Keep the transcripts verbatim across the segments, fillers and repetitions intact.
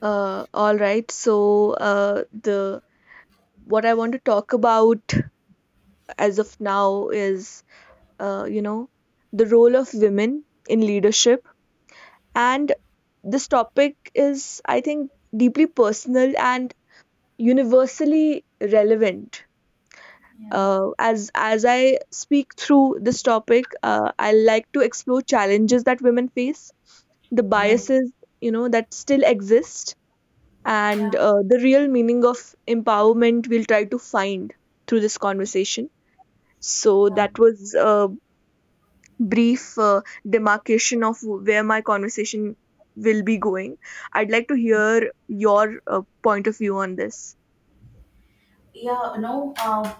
Uh, all right. So uh, the what I want to talk about as of now is uh, you know the role of women in leadership, and this topic is, I think, deeply personal and universally relevant. Yeah. Uh, as as I speak through this topic, uh, I like to explore challenges that women face, the Yeah. biases you know that still exist, and Yeah. uh, the real meaning of empowerment we'll try to find through this conversation. So Yeah. that was a brief uh, demarcation of where my conversation will be going. I'd like to hear your uh, point of view on this. Yeah. No. Um.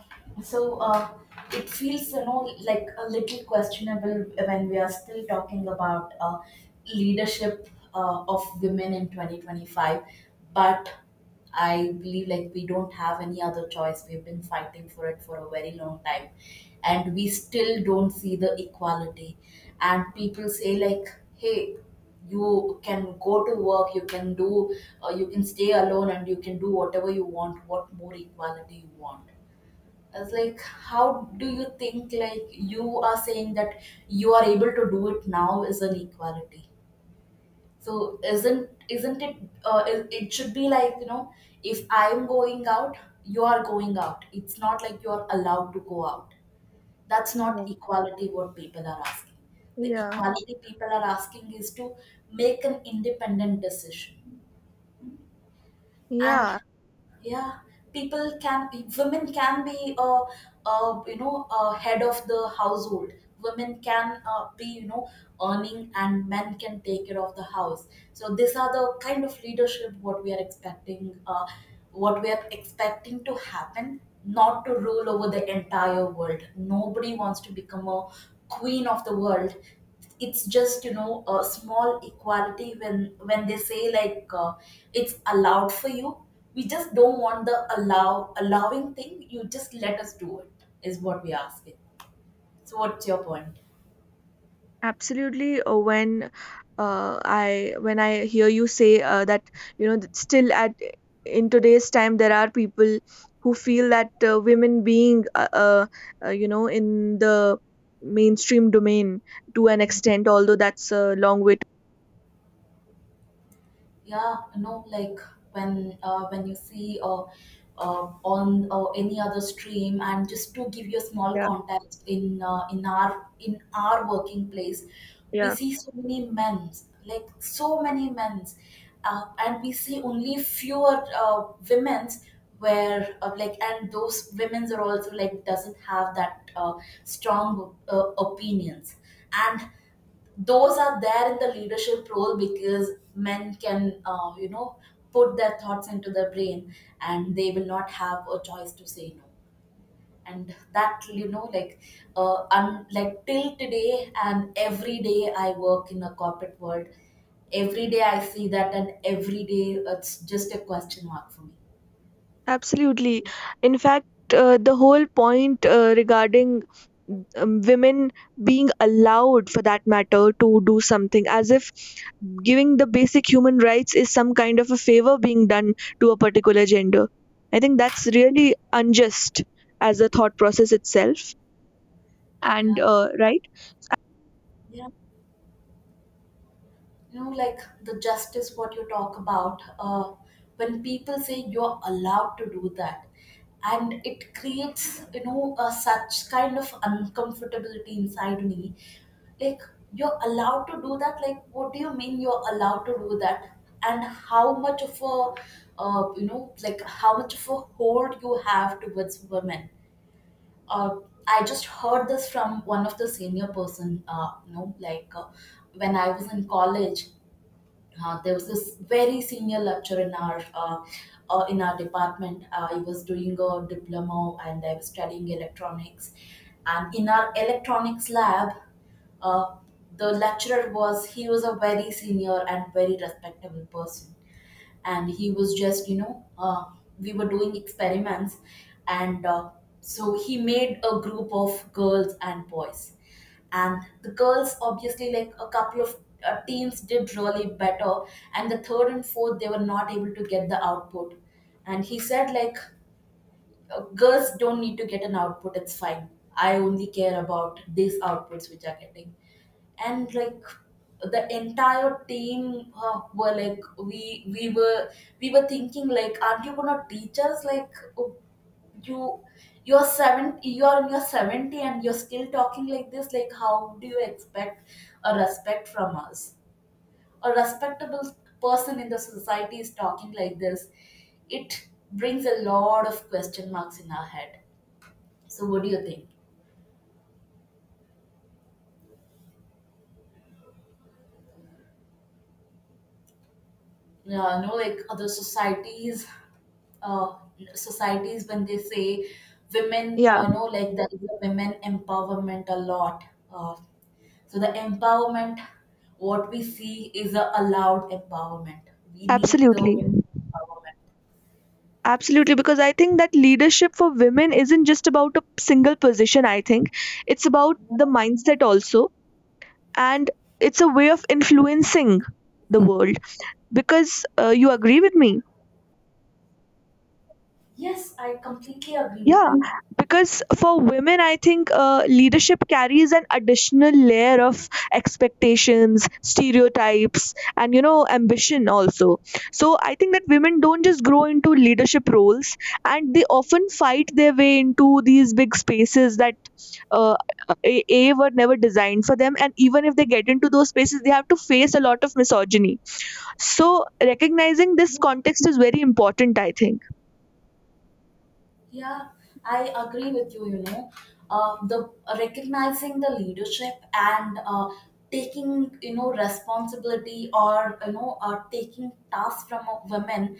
So uh, it feels, you know, like a little questionable when we are still talking about uh, leadership uh, of women in twenty twenty-five. But I believe like we don't have any other choice. We've been fighting for it for a very long time, and we still don't see the equality. And people say like, "Hey, you can go to work, you can do, uh, you can stay alone, and you can do whatever you want. What more equality you want?" I was like, how do you think like you are saying that you are able to do it now is an equality? So isn't isn't it? Uh, it, it should be like you know, if I'm going out, you are going out. It's not like you are allowed to go out. That's Yeah, not equality. What people are asking, the yeah, equality people are asking is to make an independent decision. And yeah. yeah, people can be, women can be uh, uh, you know uh, head of the household. Women can uh, be, you know earning, and men can take care of the house. So these are the kind of leadership what we are expecting, uh, what we are expecting to happen. Not to rule over the entire world, nobody wants to become a queen of the world. It's just, you know a small equality when when they say like, uh, it's allowed for you. We just don't want the allow allowing thing. You just let us do it is what we're asking. So what's your point? Absolutely. uh, When uh, I when I hear you say uh, that you know that still, at in today's time, there are people who feel that uh, women being uh, uh, uh, you know in the mainstream domain to an extent, although that's a long way to. Yeah, you know like when uh, when you see uh, uh, on uh, any other stream. And just to give you a small Yeah, context, in uh, in our in our working place, we yeah, see so many men, like so many men, uh, and we see only fewer uh, women's, where uh, like, and those women's are also like doesn't have that uh, strong uh, opinions. And those are there in the leadership role because men can uh, you know put their thoughts into their brain, and they will not have a choice to say no. And that, you know like, uh, un- like till today and every day I work in a corporate world, every day I see that, and every day it's just a question mark for me. absolutely. In fact, uh, the whole point uh, regarding um, women being allowed, for that matter, to do something as if giving the basic human rights is some kind of a favor being done to a particular gender. I think that's really unjust as a thought process itself. And, Yeah, uh, right? you know like the justice what you talk about, uh, when people say you're allowed to do that, and it creates, you know uh, such kind of uncomfortability inside me. Like, you're allowed to do that? Like what do you mean you're allowed to do that? And how much of a, uh, you know like how much of a hold you have towards women? uh, I just heard this from one of the senior person, uh, you know, like uh, when I was in college, uh, there was this very senior lecturer in our uh, uh, in our department. I was doing a diploma and I was studying electronics. And in our electronics lab, uh, the lecturer was he was a very senior and very respectable person. And he was just, you know uh, we were doing experiments, and uh, so he made a group of girls and boys. And the girls obviously, like a couple of uh, teams did really better, and the third and fourth, they were not able to get the output. And he said like, uh, girls don't need to get an output, it's fine. I only care about these outputs which are getting. And like, the entire team, uh, were like, we we were, we were thinking like, aren't you gonna teach us? Like, oh, you you're seven you're in your seventy and you're still talking like this. Like how do you expect a respect from us? A respectable person in the society is talking like this. It brings a lot of question marks in our head. So what do you think? Yeah, no, like other societies, uh, societies when they say women, Yeah, uh, no, like there is a women empowerment a lot. Uh, so the empowerment, what we see is a allowed empowerment. We need the absolutely. own empowerment. Absolutely. Because I think that leadership for women isn't just about a single position. I think it's about the mindset also. And it's a way of influencing the world. Because uh, you agree with me? Yes, I completely agree with Yeah, you. because for women, I think uh, leadership carries an additional layer of expectations, stereotypes, and, you know, ambition also. So I think that women don't just grow into leadership roles, and they often fight their way into these big spaces that uh, a, a were never designed for them. And even if they get into those spaces, they have to face a lot of misogyny. So recognizing this context is very important, I think. Yeah, I agree with you. You know, uh, the uh, recognizing the leadership and, uh, taking, you know responsibility, or, you know uh, taking tasks from a women,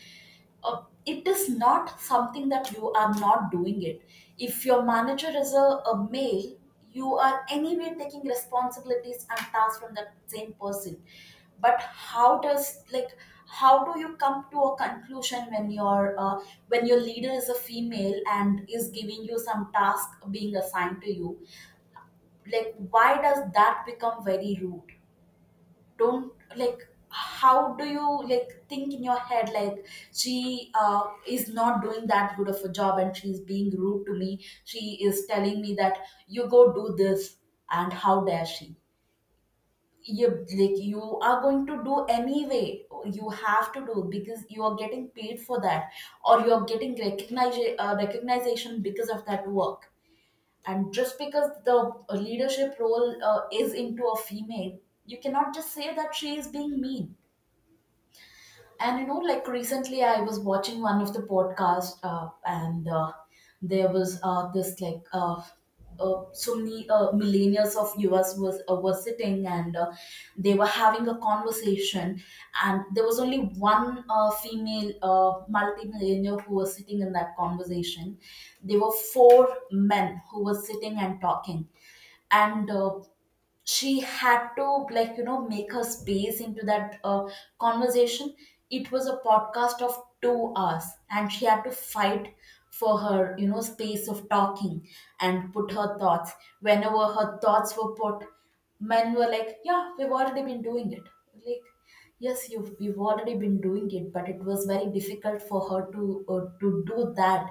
uh, it is not something that you are not doing it. If your manager is a, a male, you are anyway taking responsibilities and tasks from that same person. But how does, like, how do you come to a conclusion when your, uh, when your leader is a female and is giving you some task being assigned to you? Like why does that become very rude? Don't, like, how do you like think in your head like, she uh, is not doing that good of a job, and she's being rude to me, she is telling me that you go do this, and how dare she? You, like, you are going to do anyway, you have to do, because you are getting paid for that, or you are getting recognize, uh, recognition because of that work. And just because the leadership role uh, is into a female, you cannot just say that she is being mean. And, you know, like, recently, I was watching one of the podcasts, uh, and uh, there was uh, this like, uh, uh, so many uh, millennials of U S was uh, were sitting, and, uh, they were having a conversation. And there was only one uh, female uh, millennial who was sitting in that conversation. There were four men who were sitting and talking, and, uh, she had to, like, you know make her space into that uh, conversation. It was a podcast of two hours, and she had to fight for her, you know space of talking and put her thoughts. Whenever her thoughts were put, men were like, yeah, we've already been doing it. Like, yes, you've, you've already been doing it, but it was very difficult for her to, uh, to do that,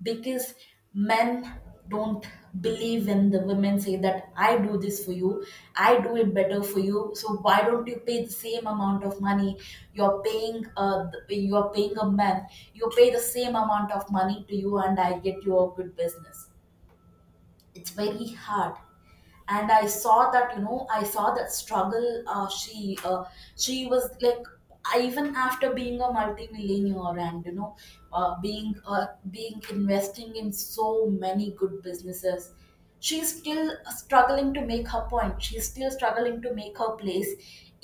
because men don't believe when the women say that I do this for you, I do it better for you. So why don't you pay the same amount of money you're paying? Uh, the- you're paying a man. You pay the same amount of money to you, and I get your good business. It's very hard. And I saw that, you know I saw that struggle. uh, she uh, she was like, I, even after being a multimillionaire, and, you know uh, being uh, being investing in so many good businesses, she's still struggling to make her point, she's still struggling to make her place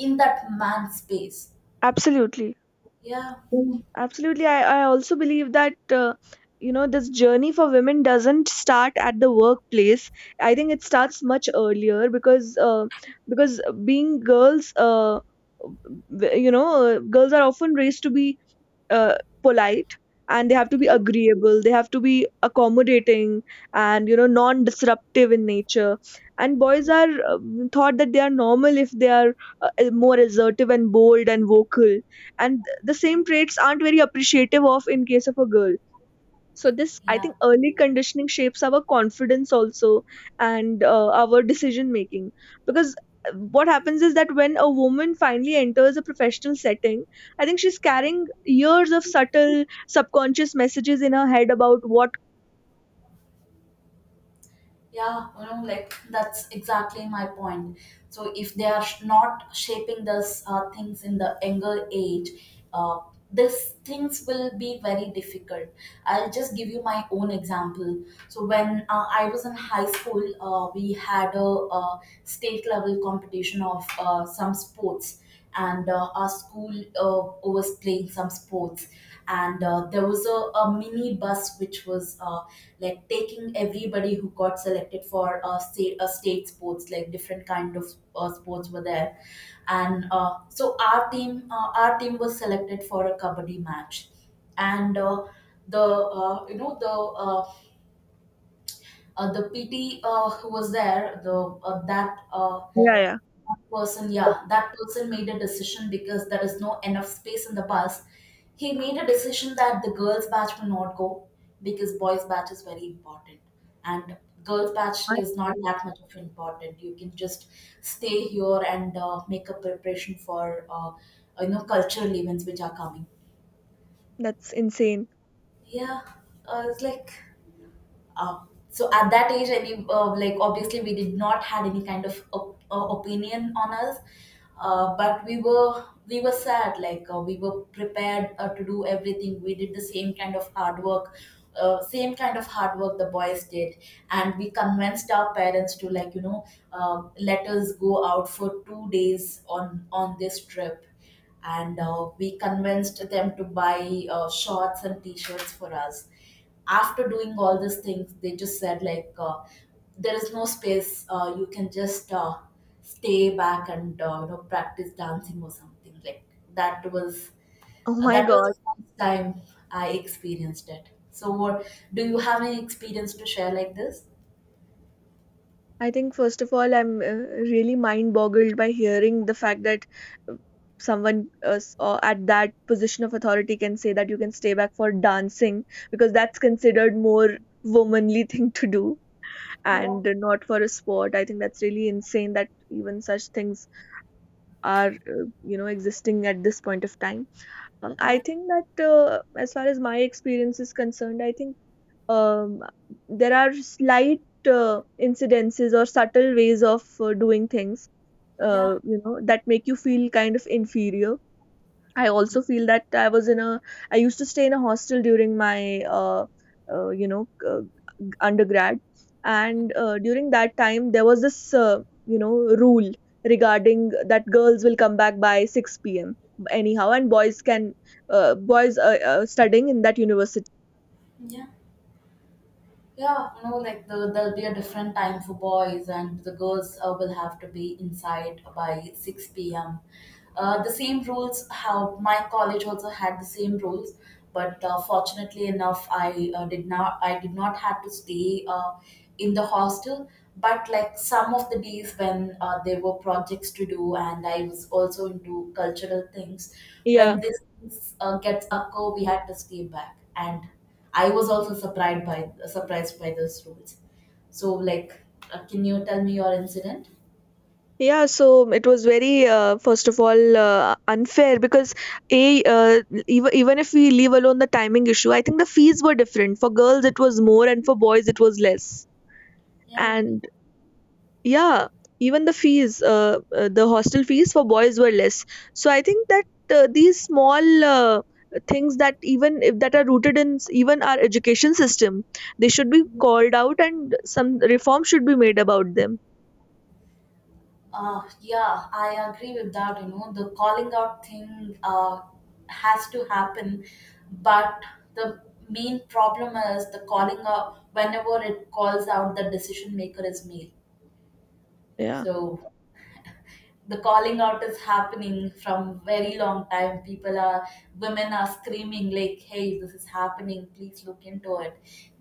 in that man's space. Absolutely. yeah Mm. Absolutely. I, I also believe that, uh, you know, this journey for women doesn't start at the workplace. I think it starts much earlier, because, uh, because being girls, uh, w- you know, uh, girls are often raised to be uh, polite, and they have to be agreeable, they have to be accommodating, and you know non disruptive in nature. And boys are um, thought that they are normal if they are uh, more assertive and bold and vocal, and the same traits aren't very appreciative of in case of a girl. So this, I yeah think, early conditioning shapes our confidence also, and uh, our decision making. Because uh, what happens is that when a woman finally enters a professional setting, I think she's carrying years of subtle subconscious messages in her head about what. yeah You know, like, that's exactly my point. So if they are sh- not shaping this uh, things in the younger age, uh, these things will be very difficult. I'll just give you my own example. So when, uh, I was in high school, uh, we had a, uh, state level competition of, uh, some sports. And, uh, our school, uh, was playing some sports. And, uh, there was a, a mini bus which was, uh, like, taking everybody who got selected for, uh, state, uh, state sports, like different kind of uh, sports were there. And, uh, so our team, uh, our team was selected for a kabaddi match. And, uh, the uh, you know the uh, uh, the PT, uh, who was there, the, uh, that uh, Yeah, yeah. person, yeah, that person made a decision, because there is no enough space in the bus. He made a decision that the girls batch will not go, because boys batch is very important, and girls batch My is God. not that much of important. You can just stay here and, uh, make a preparation for, uh, you know cultural events which are coming. That's insane. Yeah. Uh, it's like, Um, so at that age, I mean, uh, like, obviously we did not had any kind of op- uh, opinion on us, uh, but we were, we were sad. Like, uh, we were prepared, uh, to do everything. We did the same kind of hard work, uh, same kind of hard work the boys did. And we convinced our parents to, like, you know uh, let us go out for two days on on this trip. And, uh, we convinced them to buy, uh, shorts and t-shirts for us. After doing all these things, they just said like, uh, there is no space, uh, you can just, uh, stay back and, uh, you know practice dancing or something. Like, that was, Oh uh, my that was God. the first time I experienced it. So what, do you have any experience to share like this? I think first of all, I'm uh, really mind boggled by hearing the fact that uh, someone, uh, s- uh, at that position of authority, can say that you can stay back for dancing, because that's considered more womanly thing to do, and not for a sport. I think that's really insane that even such things are uh, you know existing at this point of time. Uh, I yeah think that, uh, as far as my experience is concerned, I think um, there are slight uh, incidences or subtle ways of uh, doing things, yeah uh, you know that make you feel kind of inferior. I also feel that i was in a I used to stay in a hostel during my uh, uh, you know uh, undergrad, and uh, during that time there was this uh, you know rule regarding that girls will come back by six p.m anyhow, and boys can uh, boys are, uh, studying in that university. yeah Yeah, you know, like, the, there'll be a different time for boys, and the girls uh, will have to be inside by six p m Uh, the same rules, how my college also had the same rules, but uh, fortunately enough, I uh, did not, I did not have to stay uh, in the hostel. But like some of the days when uh, there were projects to do, and I was also into cultural things, Yeah. when this uh, gets occur, we had to stay back and I was also surprised by surprised by those rules. So, like, uh, can you tell me your incident? Yeah, so it was very, uh, first of all, uh, unfair because a uh, even even if we leave alone the timing issue, I think the fees were different. For girls, it was more, and for boys, it was less. Yeah, And, yeah, even the fees, uh, uh, the hostel fees for boys were less. So I think that uh, these small uh, things that even if that are rooted in s- even our education system, they should be called out, and some reform should be made about them. uh, yeah, I agree with that. You know, the calling out thing uh, has to happen, but the main problem is the calling out. Whenever it calls out, the decision maker is male. Yeah. So the calling out is happening from very long time people are women are screaming like, hey, this is happening, please look into it.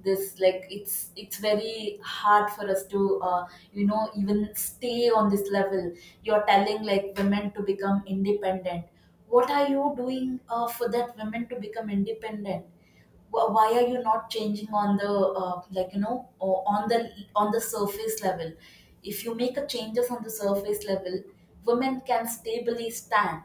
This like it's it's very hard for us to uh, you know even stay on this level. You're telling like women to become independent. What are you doing uh, for that women to become independent? Wh- why are you not changing on the uh, like you know o- on the on the surface level? If you make a changes on the surface level, women can stably stand.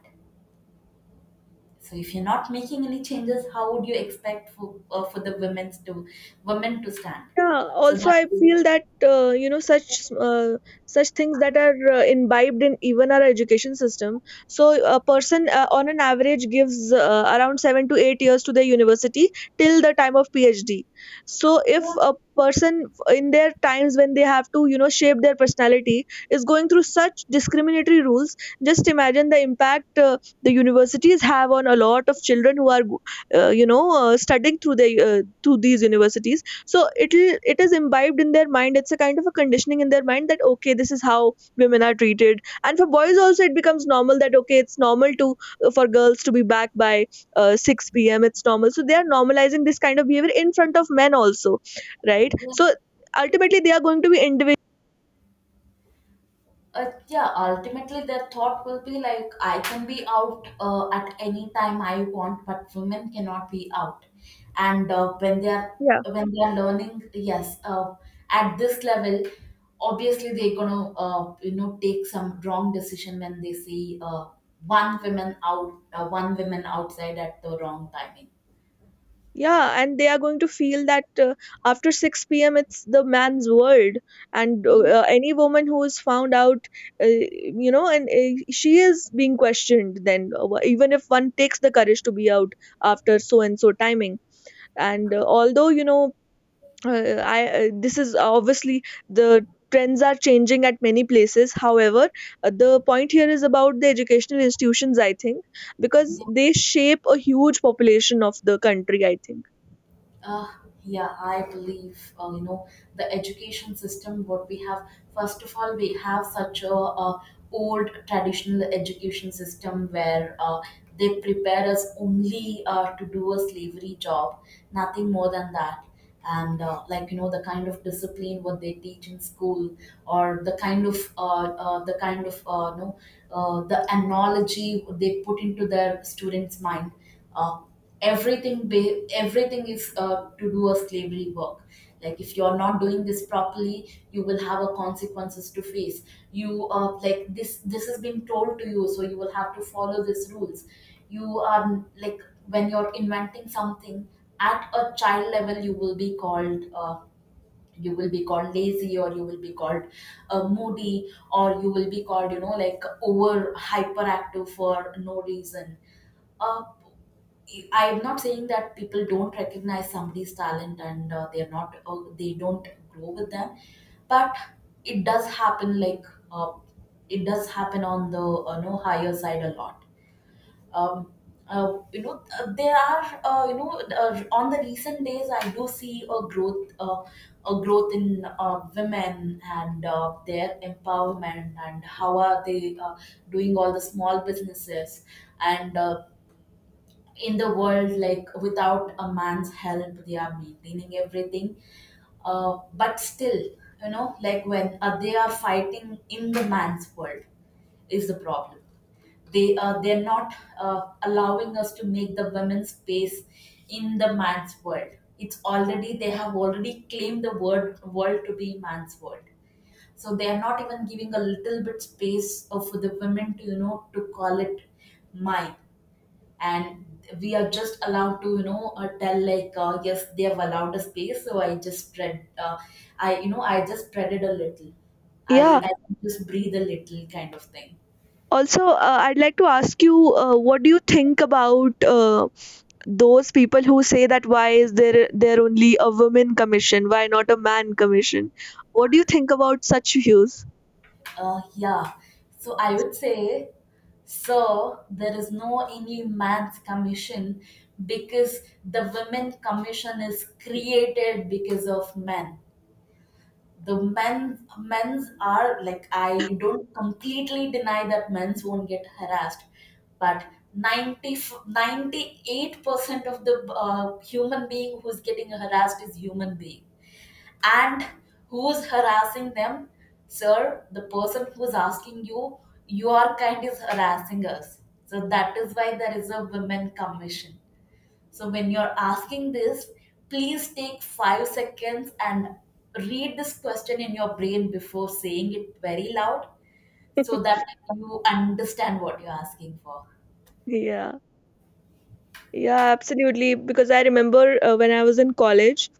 So if you're not making any changes, how would you expect for, uh, for the women's to women to stand Yeah, so also that. I feel that uh, you know such uh, such things that are uh, imbibed in even our education system. So a person, uh, on an average, gives uh, around seven to eight years to their university till the time of PhD. So if yeah, a person, f- in their times when they have to you know shape their personality, is going through such discriminatory rules, just imagine the impact uh, the universities have on a lot of children who are go- uh, you know uh, studying through their uh, through these universities. So it'll it is imbibed in their mind. It's a kind of a conditioning in their mind that, okay, this is how women are treated. And for boys also, it becomes normal that, okay, it's normal to uh, for girls to be back by uh, six p m. It's normal. So they are normalizing this kind of behavior in front of men also, right? So ultimately, they are going to be individual. uh, yeah ultimately their thought will be like, I can be out uh, at any time I want, but women cannot be out. And uh, when they are when they are learning, yes uh, at this level obviously they're gonna uh, you know take some wrong decision when they see uh, one woman out uh, one woman outside at the wrong timing. Yeah, and they are going to feel that, uh, after six p.m, it's the man's world, and uh, uh, any woman who is found out, uh, you know and uh, she is being questioned, then uh, even if one takes the courage to be out after so and so timing, and uh, although you know uh, I uh, this is obviously, the trends are changing at many places. However, uh, the point here is about the educational institutions, I think, because they shape a huge population of the country, I think. Uh, yeah, I believe uh, you know the education system. What we have, first of all, we have such a, uh old traditional education system where uh, they prepare us only uh, to do a slavery job, nothing more than that. And uh, like you know, the kind of discipline what they teach in school, or the kind of uh, uh, the kind of uh, no know uh, the analogy they put into their students' mind. Uh, everything ba- everything is uh, to do a slavery work. Like if you're not doing this properly, you will have a consequences to face. You uh, Like this this has been told to you, so you will have to follow these rules. You are like, when you're inventing something at a child level, you will be called uh, you will be called lazy, or you will be called uh, moody, or you will be called you know like over hyperactive for no reason. Uh, I'm not saying that people don't recognize somebody's talent and uh, they're not uh, they don't grow with them, but it does happen. Like uh, it does happen on the uh, no higher side a lot. Um, uh, you know uh, there are uh, you know uh, on the recent days, I do see a growth uh, a growth in uh, women and uh, their empowerment and how are they uh, doing all the small businesses and uh, in the world, like without a man's help they are maintaining everything. Uh, but still, you know, like when uh, they are fighting in the man's world is the problem. They uh, they're not uh, allowing us to make the women's space in the man's world. It's already they have already claimed the word world to be man's world. So they are not even giving a little bit space of the women to you know to call it mine. And we are just allowed to you know uh, tell like uh, yes they have allowed a space so I just spread uh, I you know I just spread it a little. I, yeah. I just breathe a little kind of thing. Also, uh, I'd like to ask you, uh, what do you think about uh, those people who say that why is there there only a women commission? Why not a man commission? What do you think about such views? Uh, yeah so I would say, so there is no any man's commission, because the women commission is created because of men. The men's men's are like, I don't completely deny that men's won't get harassed, but ninety ninety eight percent of the uh, human being who's getting harassed is human being. And who's harassing them? Sir, the person who's asking you, your kind is harassing us. So that is why there is a women commission. So when you're asking this, please take five seconds and read this question in your brain before saying it very loud, so that you understand what you're asking for. Yeah, yeah, absolutely. Because I remember, uh, when I was in college,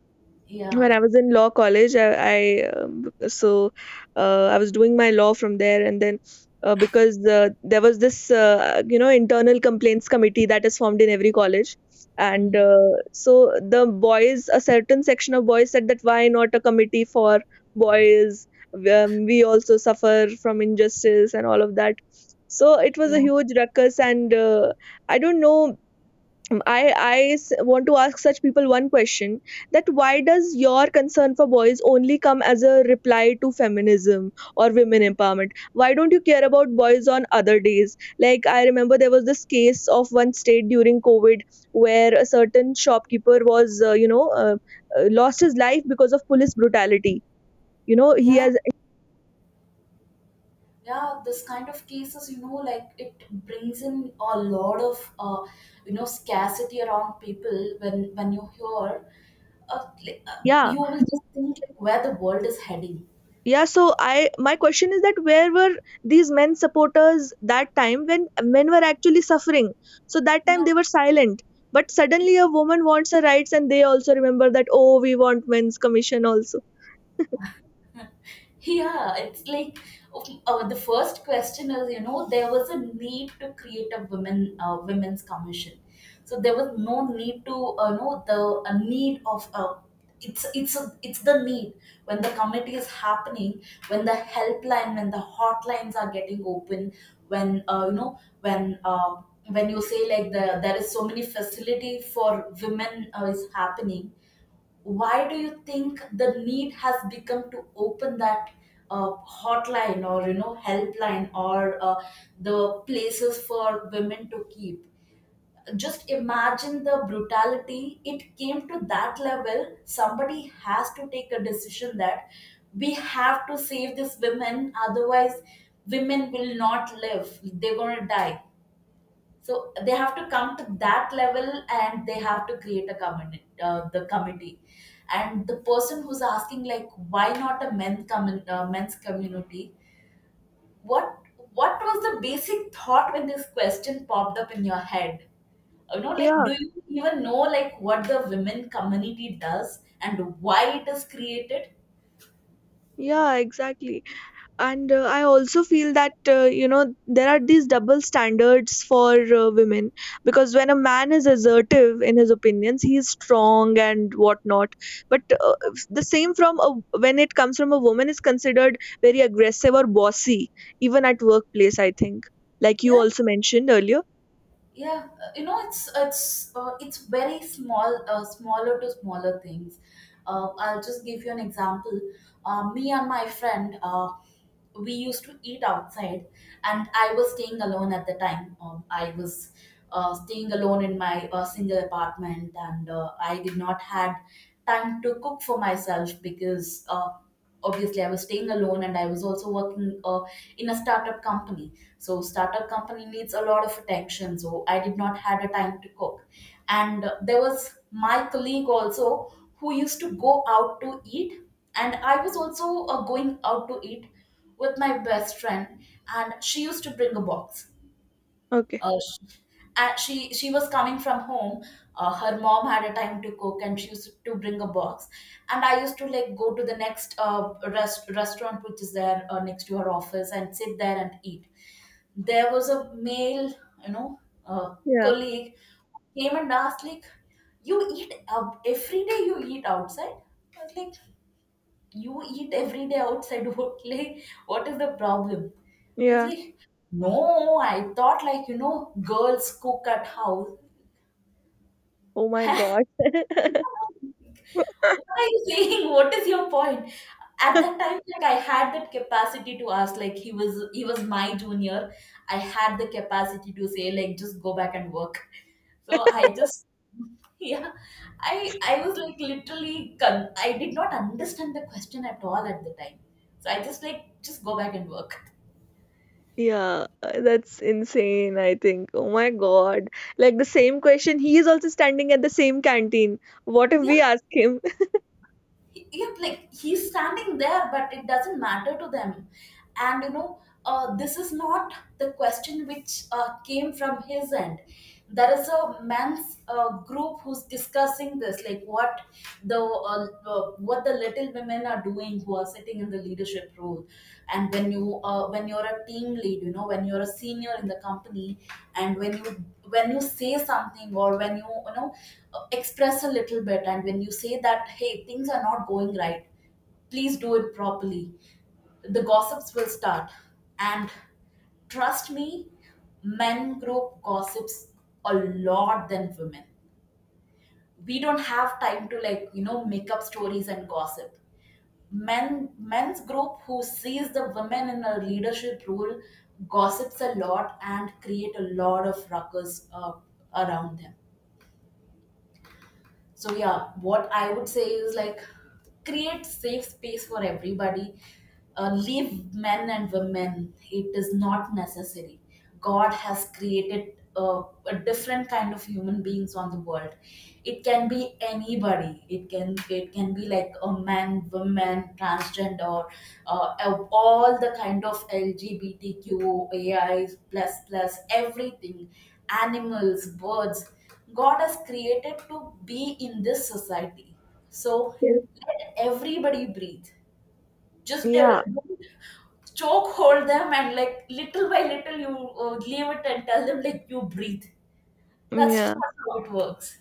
when Yeah. I was in law college, I, I um, so uh, I was doing my law from there, and then, uh, because uh, there was this uh, you know internal complaints committee that is formed in every college, and Mm. uh, so the boys, a certain section of boys, said that why not a committee for boys? Um, we also suffer from injustice and all of that. So it was a Yeah. huge ruckus, and uh, I don't know, I, I s- want to ask such people one question: that why does your concern for boys only come as a reply to feminism or women empowerment? Why don't you care about boys on other days? Like, I remember there was this case of one state during COVID where a certain shopkeeper was, uh, you know, uh, uh, lost his life because of police brutality. You know, he Yeah. has. Yeah. This kind of cases, you know, like it brings in a lot of, uh, you know, scarcity around people when, when you hear, uh, like, uh, Yeah. you will just think like where the world is heading. Yeah, so I my question is that where were these men supporters that time when men were actually suffering? So that time Yeah. they were silent, but Yeah. suddenly a woman wants her rights, and they also remember that, oh, we want men's commission also. Yeah, it's like uh, the first question is, you know, there was a need to create a women uh, women's commission. So there was no need to, uh, know, the a need of uh, it's it's a, it's the need. When the committee is happening, when the helpline, when the hotlines are getting open, when uh, you know, when uh, when you say like the there is so many facility for women uh, is happening, why do you think the need has become to open that uh, hotline or you know helpline, or uh, the places for women to keep. Just imagine the brutality, it came to that level, somebody has to take a decision that we have to save these women, otherwise women will not live, they're going to die. So they have to come to that level, and they have to create a committee, uh, the committee, and the person who's asking like, why not a men commun- uh, men's community? What what was the basic thought when this question popped up in your head? You know, like, Yeah, do you even know like what the women community does and why it is created? yeah, exactly. And uh, I also feel that uh, you know there are these double standards for uh, women, because when a man is assertive in his opinions he is strong and whatnot, but uh, the same from a, when it comes from a woman is considered very aggressive or bossy, even at workplace, I think, like you Yeah, also mentioned earlier. yeah uh, you know it's it's uh, it's very small uh, smaller to smaller things. uh, I'll just give you an example. Uh, me and my friend uh, we used to eat outside, and I was staying alone at the time. Um, I was uh, staying alone in my uh, single apartment, and uh, I did not had time to cook for myself, because uh, obviously I was staying alone and I was also working uh, in a startup company. So startup company needs a lot of attention, so I did not had a time to cook. And uh, there was my colleague also who used to go out to eat, and I was also uh, going out to eat with my best friend. And she used to bring a box. Okay. uh, she, uh, she she was coming from home. Uh, her mom had a time to cook, and she used to bring a box. And I used to like go to the next uh, rest, restaurant which is there uh, next to her office and sit there and eat. There was a male, you know, uh, Yeah, colleague who came and asked like, "You eat out every day? You eat outside?" I was like, you eat every day outside what, like what is the problem? It's yeah. like, no, I thought like you know girls cook at house. Oh my God. What are you saying? What is your point? At that time, like I had that capacity to ask, like he was he was my junior. I had the capacity to say, like, just go back and work. So I just yeah. I I was like literally con- I did not understand the question at all at the time. So I just like, just go back and work. Yeah, uh, that's insane, I think. Oh my God. Like, the same question, he is also standing at the same canteen. What if Yeah. we ask him? He- yeah, like he's standing there, but it doesn't matter to them. And you know, uh, this is not the question which uh, came from his end. There is a men's uh, group who's discussing this, like what the uh, uh, what the little women are doing who are sitting in the leadership role. And when you uh, when you're a team lead, you know, when you're a senior in the company, and when you when you say something, or when you you know uh, express a little bit, and when you say that, hey, things are not going right, please do it properly, the gossips will start. And trust me, men group gossips a lot than women. We don't have time to like you know make up stories and gossip. Men men's group who sees the women in a leadership role gossips a lot and create a lot of ruckus uh, around them. So yeah, what I would say is like create safe space for everybody. Uh, leave men and women. It is not necessary. God has created uh, a different kind of human beings on the world. It can be anybody. It can it can be like a man, woman, transgender, uh, of all the kind of LGBTQAI plus plus everything, animals, birds. God has created to be in this society. So Yes. let everybody breathe. Just uh, Yeah, don't choke hold them, and like little by little you uh, leave it and tell them like you breathe. That's yeah, not how it works.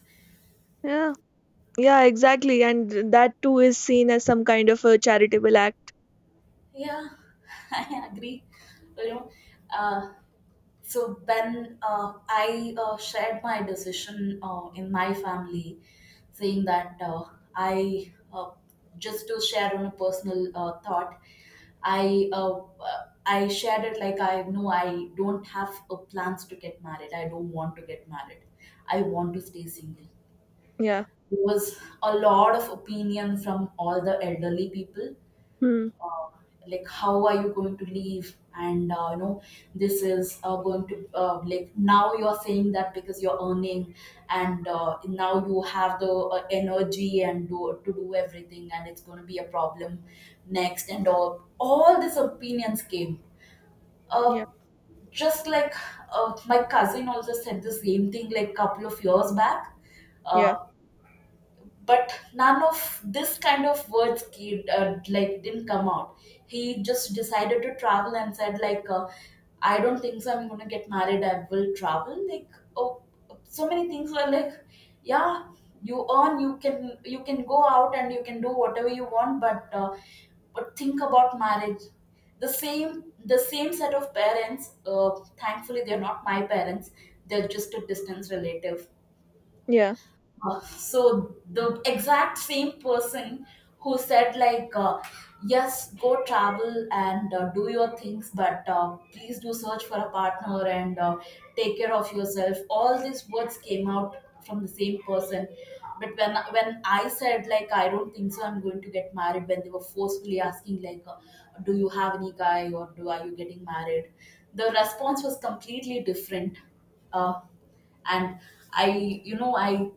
yeah, yeah, exactly. And th- that too is seen as some kind of a charitable act. Yeah, I agree. You know, uh, so when uh, I uh, shared my decision uh, in my family, saying that uh, I uh, just to share on a personal uh, thought, I uh, I shared it like, I know I don't have a plans to get married. I don't want to get married. I want to stay single. Yeah. There was a lot of opinion from all the elderly people, Hmm. uh, like how are you going to leave and uh, you know this is uh, going to uh, like now you're saying that because you're earning and uh, now you have the uh, energy and do, to do everything, and it's going to be a problem next, and all all these opinions came. uh, Yeah, just like, uh, my cousin also said the same thing like couple of years back. Uh, yeah, but none of this kind of words came, uh, like didn't come out. He just decided to travel and said like, uh, I don't think so I'm going to get married, I will travel, like, oh, so many things were like, yeah, you earn, you can, you can go out and you can do whatever you want, but uh, but think about marriage. The same the same set of parents, uh, thankfully they're not my parents, they're just a distance relative. yeah. Uh, so the exact same person who said like, uh, yes go travel and uh, do your things, but uh, please do search for a partner and uh, take care of yourself, all these words came out from the same person. But when when I said like, I don't think so I'm going to get married, when they were forcefully asking like, uh, do you have any guy, or do are you getting married, the response was completely different. uh, and i you know i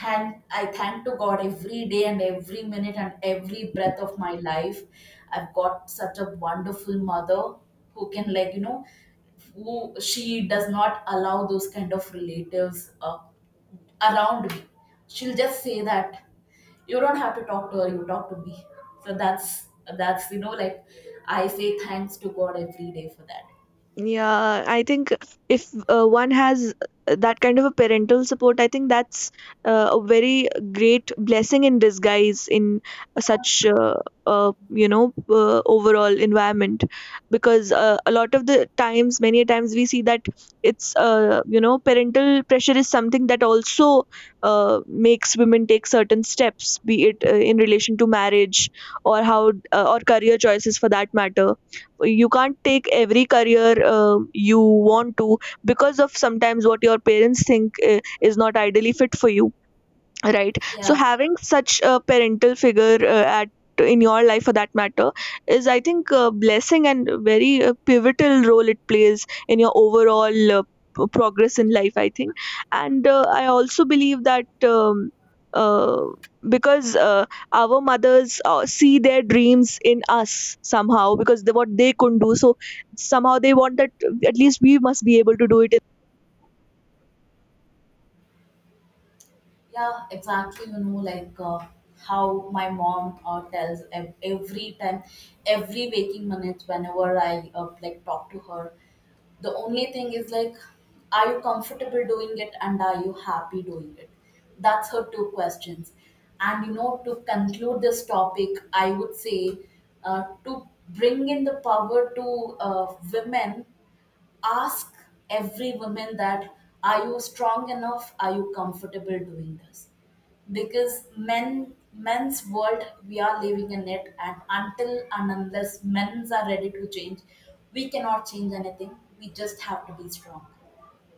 thank i thank to God every day and every minute and every breath of my life. I've got such a wonderful mother, who can, like, you know, who she does not allow those kind of relatives uh, around me. She'll just say that, you don't have to talk to her, you talk to me. So that's, that's you know like I say thanks to God every day for that. Yeah, I think, if uh, one has uh, that kind of a parental support, I think that's uh, a very great blessing in disguise in such uh, uh, you know uh, overall environment, because uh, a lot of the times, many a times, we see that it's uh, you know parental pressure is something that also uh, makes women take certain steps, be it uh, in relation to marriage, or how uh, or career choices for that matter. You can't take every career uh, you want to because of, sometimes, what your parents think uh, is not ideally fit for you, right? So Yeah. having such a parental figure uh, at in your life for that matter is, I think, a blessing, and a very uh, pivotal role it plays in your overall, uh, p- progress in life, I think. And uh, I also believe that um, uh, because uh, our mothers uh, see their dreams in us somehow, because they, what they couldn't do, so somehow they want that uh, at least we must be able to do it. Yeah, exactly. You know, like uh, how my mom uh, tells ev- every time, every waking minute, whenever I uh, like talk to her. The only thing is like, are you comfortable doing it and are you happy doing it? That's her two questions. And you know, to conclude this topic, I would say uh, to bring in the power to uh, women, ask every woman that, are you strong enough? Are you comfortable doing this? Because men men's world we are living in, it and until and unless men's are ready to change, we cannot change anything. We just have to be strong.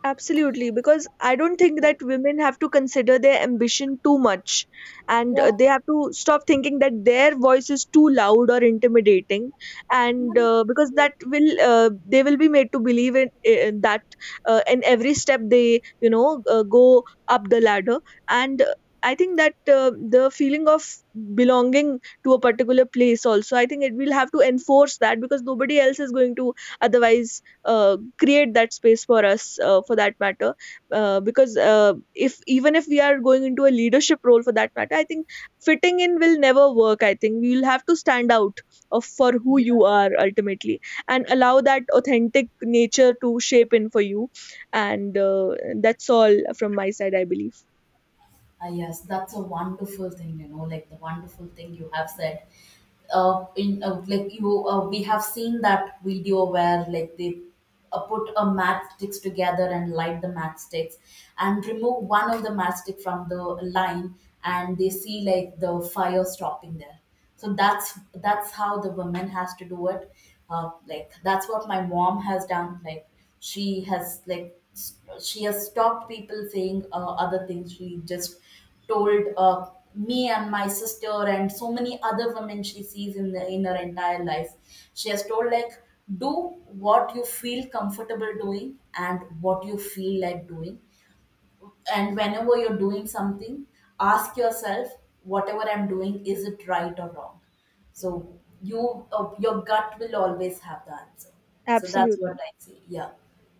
Absolutely, because I don't think Yeah. that women have to consider their ambition too much, and Yeah. uh, they have to stop thinking that their voice is too loud or intimidating, and uh, because that will uh, they will be made to believe in, in that, uh, in every step they you know uh, go up the ladder. And uh, I think that uh, the feeling of belonging to a particular place also, I think, it will have to enforce that, because nobody else is going to otherwise uh, create that space for us uh, for that matter. Uh, because uh, if even if we are going into a leadership role for that matter, I think fitting in will never work. I think we will have to stand out of for who you are ultimately, and allow that authentic nature to shape in for you. And uh, that's all from my side, I believe. Ah, yes, that's a wonderful thing, you know, like the wonderful thing you have said. Uh, in uh, Like you, uh, we have seen that video where like they uh, put a matchsticks together and light the matchsticks, and remove one of the matchstick from the line, and they see like the fire stopping there. So that's that's how the woman has to do it. Uh, like that's what my mom has done. Like, she has like, s- she has stopped people saying uh, other things. She just told, uh, me and my sister and so many other women she sees in the in her entire life, she has told like, do what you feel comfortable doing and what you feel like doing, and whenever you're doing something, ask yourself, whatever I'm doing, is it right or wrong? So, you uh, your gut will always have the answer. So that's what Absolutely. I say. Yeah,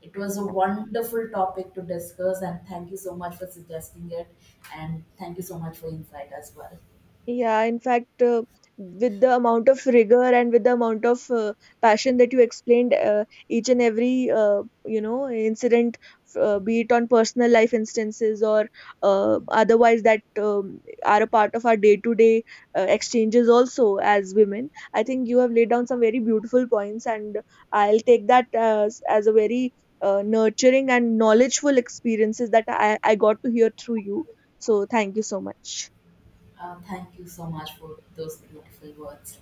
it was a wonderful topic to discuss, and thank you so much for suggesting it, and thank you so much for insight as well. Yeah, in fact, uh, with the amount of rigor and with the amount of uh, passion that you explained uh, each and every uh, you know incident, uh, be it on personal life instances or uh, otherwise that um, are a part of our day-to-day uh, exchanges also as women. I think you have laid down some very beautiful points, and I'll take that as as a very uh, nurturing and knowledgeful experiences that I, I got to hear through you. So thank you so much. Uh, thank you so much for those beautiful words.